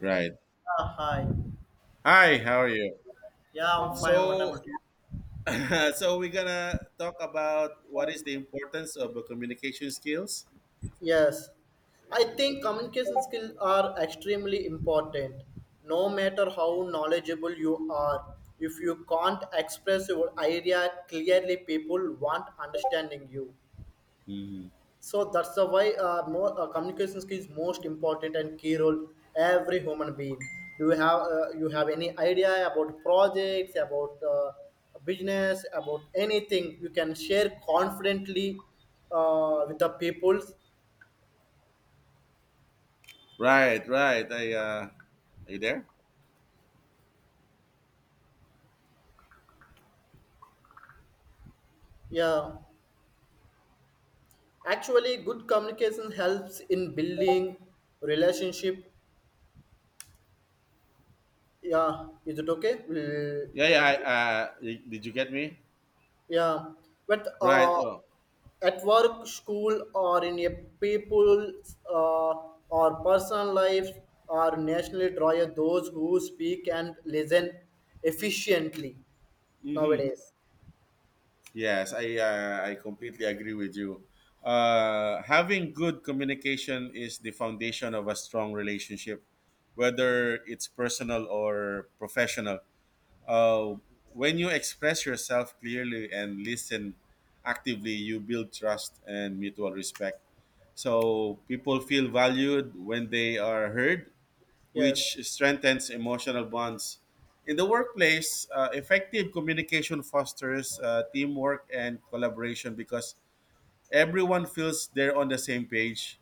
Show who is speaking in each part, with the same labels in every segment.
Speaker 1: Right.
Speaker 2: Hi.
Speaker 1: Hi, how are you?
Speaker 2: Yeah, I'm fine. What
Speaker 1: So,
Speaker 2: about you?
Speaker 1: so we're gonna talk about what is the importance of communication skills.
Speaker 2: Yes, I think communication skills are extremely important. No matter how knowledgeable you are, if you can't express your idea clearly, people won't understanding you.
Speaker 1: Mhm.
Speaker 2: So that's the why more communication skill is most important and key role every human being. Do you have You have any idea about projects, about business, about anything? You can share confidently with the people.
Speaker 1: Right, right. I Are you there?
Speaker 2: Yeah, actually, good communication helps in building relationship. Yeah, is it okay? We'll
Speaker 1: Yeah, yeah.
Speaker 2: continue.
Speaker 1: Did you get me?
Speaker 2: Yeah, but
Speaker 1: Right. Oh,
Speaker 2: at work, school, or in a people's or personal life, are nationally draw those who speak and listen efficiently
Speaker 1: hmm
Speaker 2: nowadays.
Speaker 1: yes. I completely agree with you. Having good communication is the foundation of a strong relationship, whether it's personal or professional. Uh, when you express yourself clearly and listen actively, you build trust and mutual respect. So people feel valued when they are heard,
Speaker 2: Yes,
Speaker 1: which strengthens emotional bonds. In the workplace, effective communication fosters teamwork and collaboration because everyone feels they're on the same page.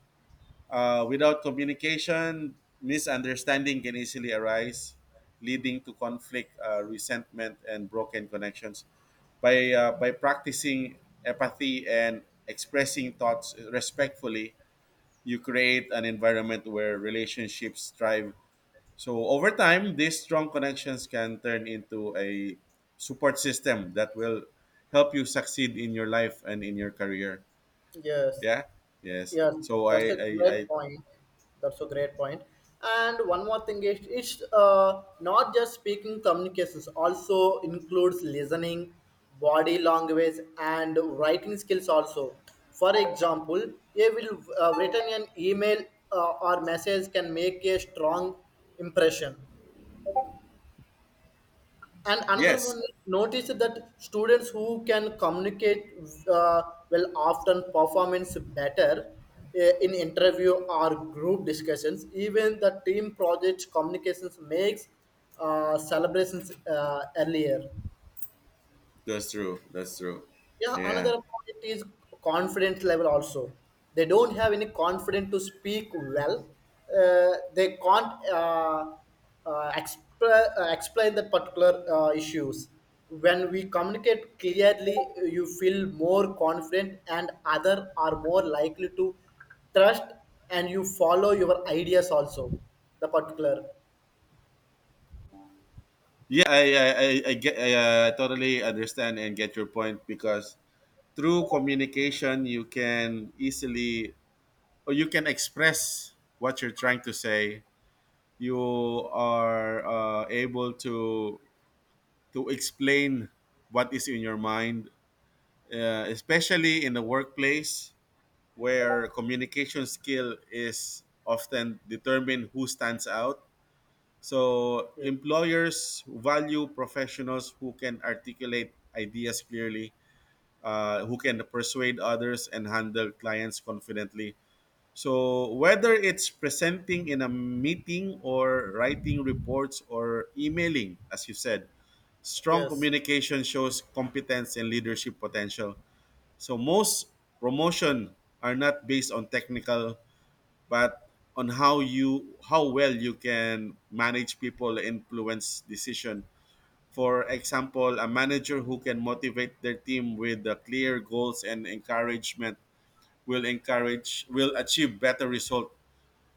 Speaker 1: Without communication, misunderstanding can easily arise, leading to conflict, resentment, and broken connections. By practicing empathy and expressing thoughts respectfully, you create an environment where relationships thrive. So, over time, these strong connections can turn into a support system that will help you succeed in your life and in your career.
Speaker 2: yes.
Speaker 1: Yeah. Yes.
Speaker 2: Yes,
Speaker 1: So I,
Speaker 2: that's a
Speaker 1: I,
Speaker 2: great
Speaker 1: I
Speaker 2: point. That's a great point. And one more thing is, it's not just speaking communications, also includes listening, body language, and writing skills also. For example, a will written an email or message can make a strong impression and another
Speaker 1: yes.
Speaker 2: one, notice that students who can communicate uh, will often performance better in interview or group discussions. Even the team project communications makes celebrations earlier.
Speaker 1: That's true. That's true.
Speaker 2: Yeah,
Speaker 1: Yeah.
Speaker 2: another point is confidence level also. They don't have any confidence to speak well. They can't explain the particular issues. When we communicate clearly, you feel more confident, and other are more likely to trust, and you follow your ideas also. The particular,
Speaker 1: Yeah, I totally understand and get your point because through communication you can easily or you can express what you're trying to say. You are able to explain what is in your mind, especially in the workplace where communication skill is often determine who stands out. So employers value professionals who can articulate ideas clearly, who can persuade others and handle clients confidently. So whether it's presenting in a meeting or writing reports or emailing, as you said, strong
Speaker 2: yes,
Speaker 1: communication shows competence and leadership potential. So most promotion are not based on technical but on how well you can manage people influence decision. For example, a manager who can motivate their team with the clear goals and encouragement will achieve better result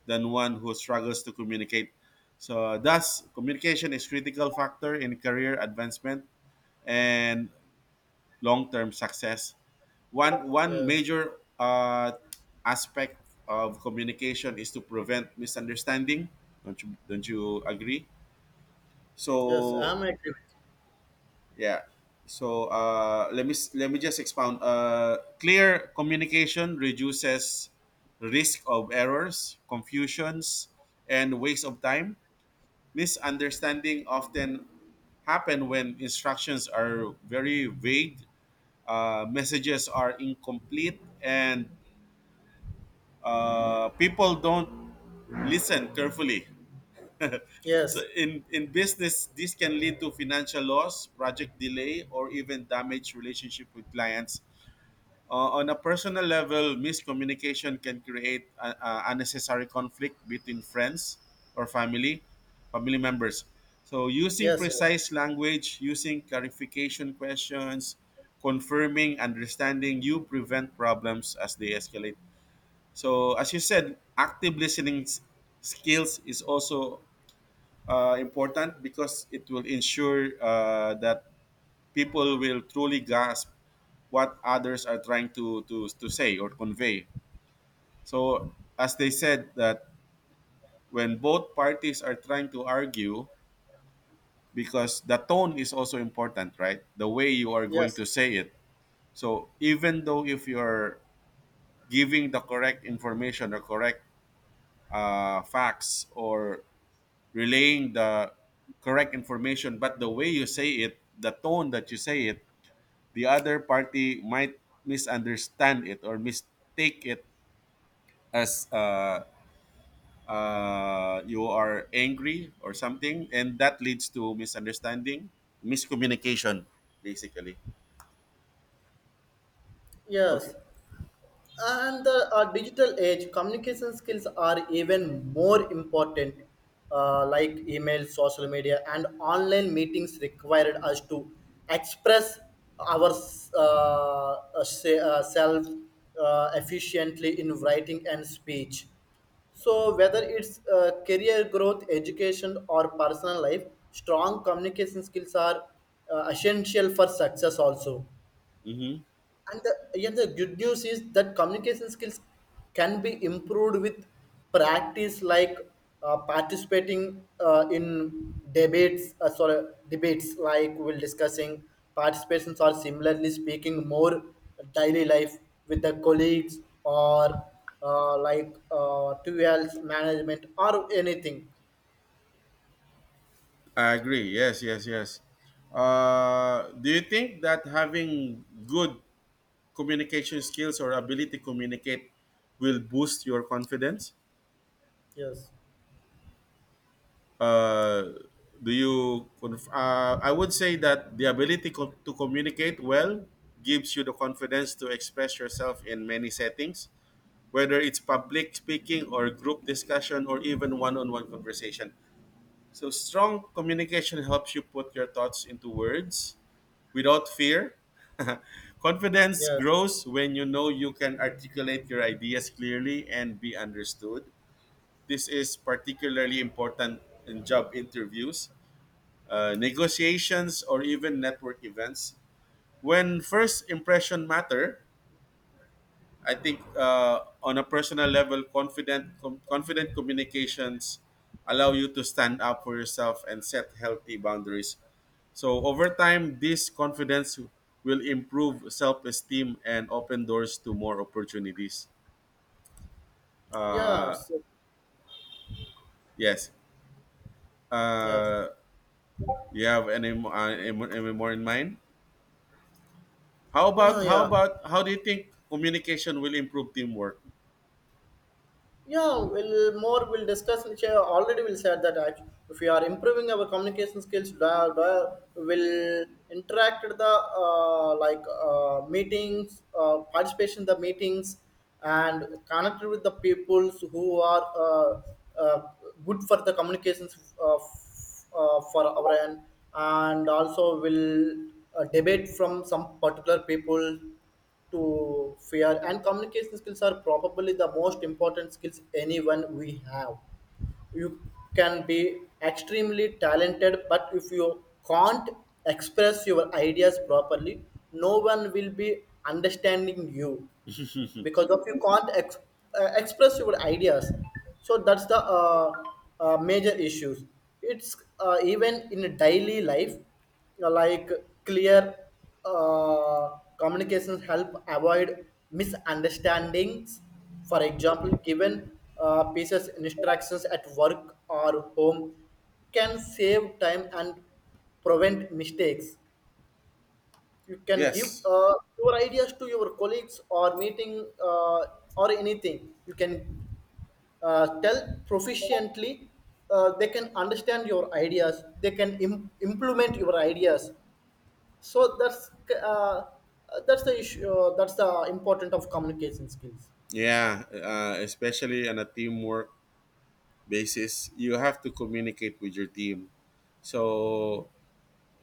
Speaker 1: than one who struggles to communicate. So thus communication is critical factor in career advancement and long-term success. One
Speaker 2: yes,
Speaker 1: major uh, aspect of communication is to prevent misunderstanding. Don't you agree?
Speaker 2: yes,
Speaker 1: So
Speaker 2: I'm agree with you.
Speaker 1: yeah. So let me just expound. Clear communication reduces risk of errors, confusions, and waste of time. Misunderstanding often happen when instructions are very vague, messages are incomplete, and people don't listen carefully. So
Speaker 2: Yes,
Speaker 1: in business, this can lead to financial loss, project delay, or even damage relationship with clients. On a personal level, miscommunication can create unnecessary conflict between friends or family, family members. So, using
Speaker 2: yes,
Speaker 1: precise language, using clarification questions, confirming, understanding, you prevent problems as they escalate. So, as you said, active skills is also important because it will ensure that people will truly grasp what others are trying to say or convey. So, as they said, that when both parties are trying to argue, because the tone is also important, right? The way you are going
Speaker 2: yes,
Speaker 1: to say it. So, even though if you're giving the correct information or correct facts or relaying the correct information, but the way you say it, the tone that you say it, the other party might misunderstand it or mistake it as you are angry or something, and that leads to misunderstanding, miscommunication, basically. Okay.
Speaker 2: yes. And the digital age communication skills are even more important, like email social media and online meetings required us to express our self efficiently in writing and speech. So whether it's career growth, education, or personal life, strong communication skills are essential for success also.
Speaker 1: Mm-hmm.
Speaker 2: And yet the good news is that communication skills can be improved with practice, like participating in debates. Sorry, debates like we're discussing participations or similarly speaking more daily life with the colleagues or like 2L's management or anything.
Speaker 1: I agree. Yes, yes, yes. Do you think that having good communication skills or ability to communicate will boost your confidence?
Speaker 2: Yes.
Speaker 1: uh, I would say that the to communicate well gives you the confidence to express yourself in many settings, whether it's public speaking or group discussion or even one-on-one conversation. So strong communication helps you put your thoughts into words without fear. Confidence
Speaker 2: Yes.
Speaker 1: grows when you know you can articulate your ideas clearly and be understood. This is particularly important in job interviews, negotiations, or even network events. When first impression matter, I think on a personal level, confident communications allow you to stand up for yourself and set healthy boundaries. So over time, this confidence will improve self-esteem and open doors to more opportunities.
Speaker 2: Yeah.
Speaker 1: Uh,
Speaker 2: So,
Speaker 1: yes.
Speaker 2: yes.
Speaker 1: Uh, you have any, mo- any mo- Any more in mind? How
Speaker 2: Yeah.
Speaker 1: about how
Speaker 2: Yeah.
Speaker 1: about how do you think communication will improve teamwork?
Speaker 2: Yeah, we'll discuss which I already will said that if we are improving our communication skills, will interact with the, like meetings, participation in the meetings, and connect with the peoples who are uh, good for the communications for our end, and also will debate from some particular people to fear. And communication skills are probably the most important skills anyone we have. You can be extremely talented, but if you can't express your ideas properly, no one will be understanding you because of you can't express your ideas. So that's the major issues. It's even in daily life, like clear communications help avoid misunderstandings. For example, given pieces instructions at work or home can save time and prevent mistakes. You can give
Speaker 1: Yes.
Speaker 2: your ideas to your colleagues or meeting, or anything. You can tell proficiently, they can understand your ideas, they can implement your ideas. So uh, that's the issue, that's the important of communication skills.
Speaker 1: Yeah. Especially on a teamwork basis, you have to communicate with your team. So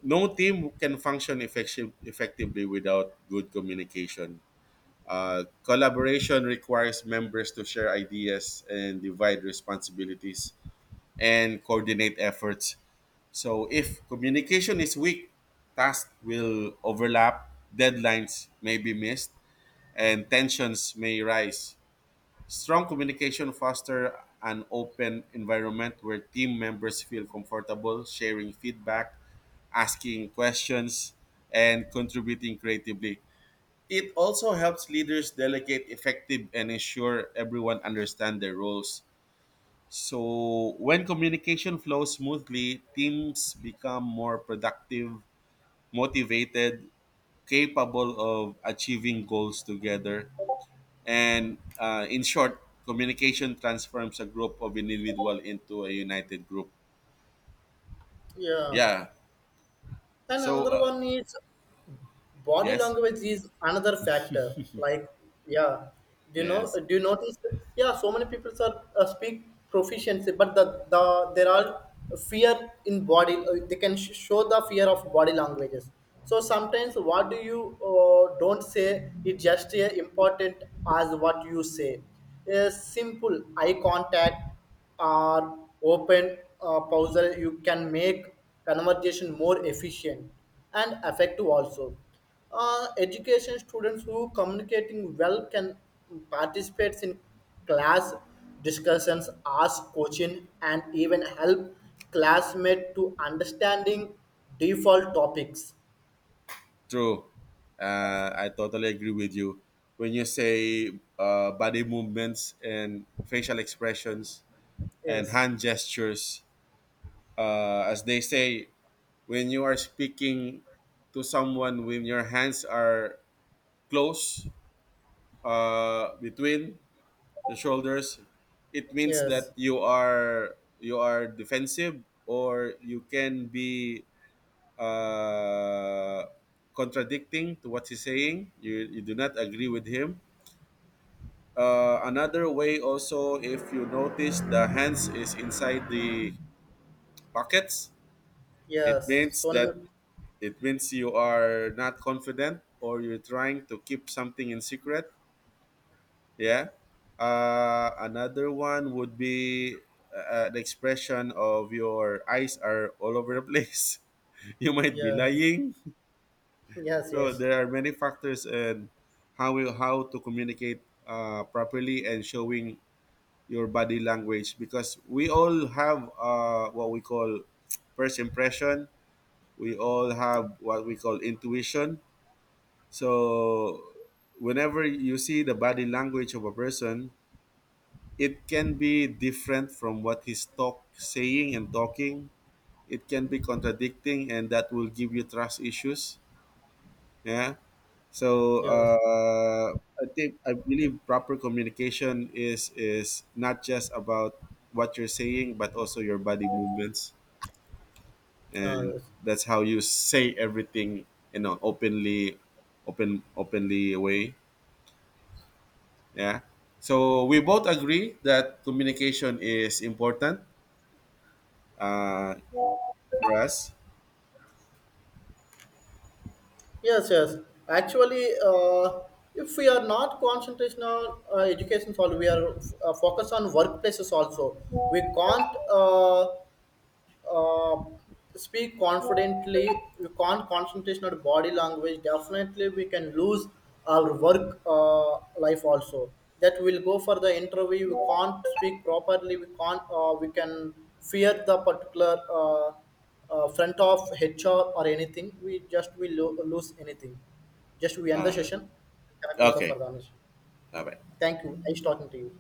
Speaker 1: no team can function effectively without good communication. Collaboration requires members to share ideas and divide responsibilities and coordinate efforts. So if communication is weak, tasks will overlap, deadlines may be missed, and tensions may rise. Strong communication fosters an open environment where team members feel comfortable sharing feedback, asking questions, and contributing creatively. It also helps leaders delegate effective and ensure everyone understands their roles. So, when communication flows smoothly, teams become more productive, motivated, capable of achieving goals together. And in short, communication transforms a group of individual into a united group.
Speaker 2: Yeah,
Speaker 1: Yeah.
Speaker 2: and
Speaker 1: So,
Speaker 2: another
Speaker 1: uh,
Speaker 2: one is body
Speaker 1: yes,
Speaker 2: language is another factor, like, yeah. Do
Speaker 1: yes,
Speaker 2: do you notice, yeah, so many people are speak proficiency, but the there are fear in body, they can show the fear of body languages. So sometimes what do you don't say is just important as what you say. A simple eye contact are open, puzzle you can make conversation more efficient and effective also. Education students who communicating well can participate in class discussions, ask question, and even help classmate to understanding default topics.
Speaker 1: true. I totally agree with you. When you say body movements and facial expressions and
Speaker 2: Yes,
Speaker 1: hand gestures, as they say, when you are speaking to someone, when your hands are close between the shoulders, it means that
Speaker 2: yes,
Speaker 1: you are defensive, or you can be uh, contradicting to what he's saying. You do not agree with him. Another way also, if you notice the hands is inside the pockets, it
Speaker 2: yes.
Speaker 1: means
Speaker 2: So,
Speaker 1: that it means you are not confident or you're trying to keep something in secret. Yeah. Another one would be the expression of your eyes are all over the place. You might be
Speaker 2: yes,
Speaker 1: lying.
Speaker 2: yes, yes,
Speaker 1: So
Speaker 2: yes.
Speaker 1: there are many factors, and how to communicate properly and showing your body language, because we all have what we call first impression. We all have what we call intuition. So whenever you see the body language of a person, it can be different from what he's talk saying and talking. It can be contradicting, and that will give you trust issues. Yeah. So
Speaker 2: Yes,
Speaker 1: I think I believe proper communication is not just about what you're saying, but also your body movements, and
Speaker 2: yes.
Speaker 1: that's how you say everything in an openly way. Yeah. So we both agree that communication is important, uh, for us.
Speaker 2: Yes, yes. Actually, if we are not concentration on education, only, we are focused on workplaces also. We can't. Uh, Speak confidently, we can't concentrate on body language, definitely we can lose our work, life also. That we will go for the interview, we can't speak properly, we can't we can fear the particular uh, front of hr or anything. We just, lose anything, just we end the
Speaker 1: Uh,
Speaker 2: session, connect with the
Speaker 1: okay.
Speaker 2: further.
Speaker 1: Bye bye.
Speaker 2: Thank you, nice talking to you.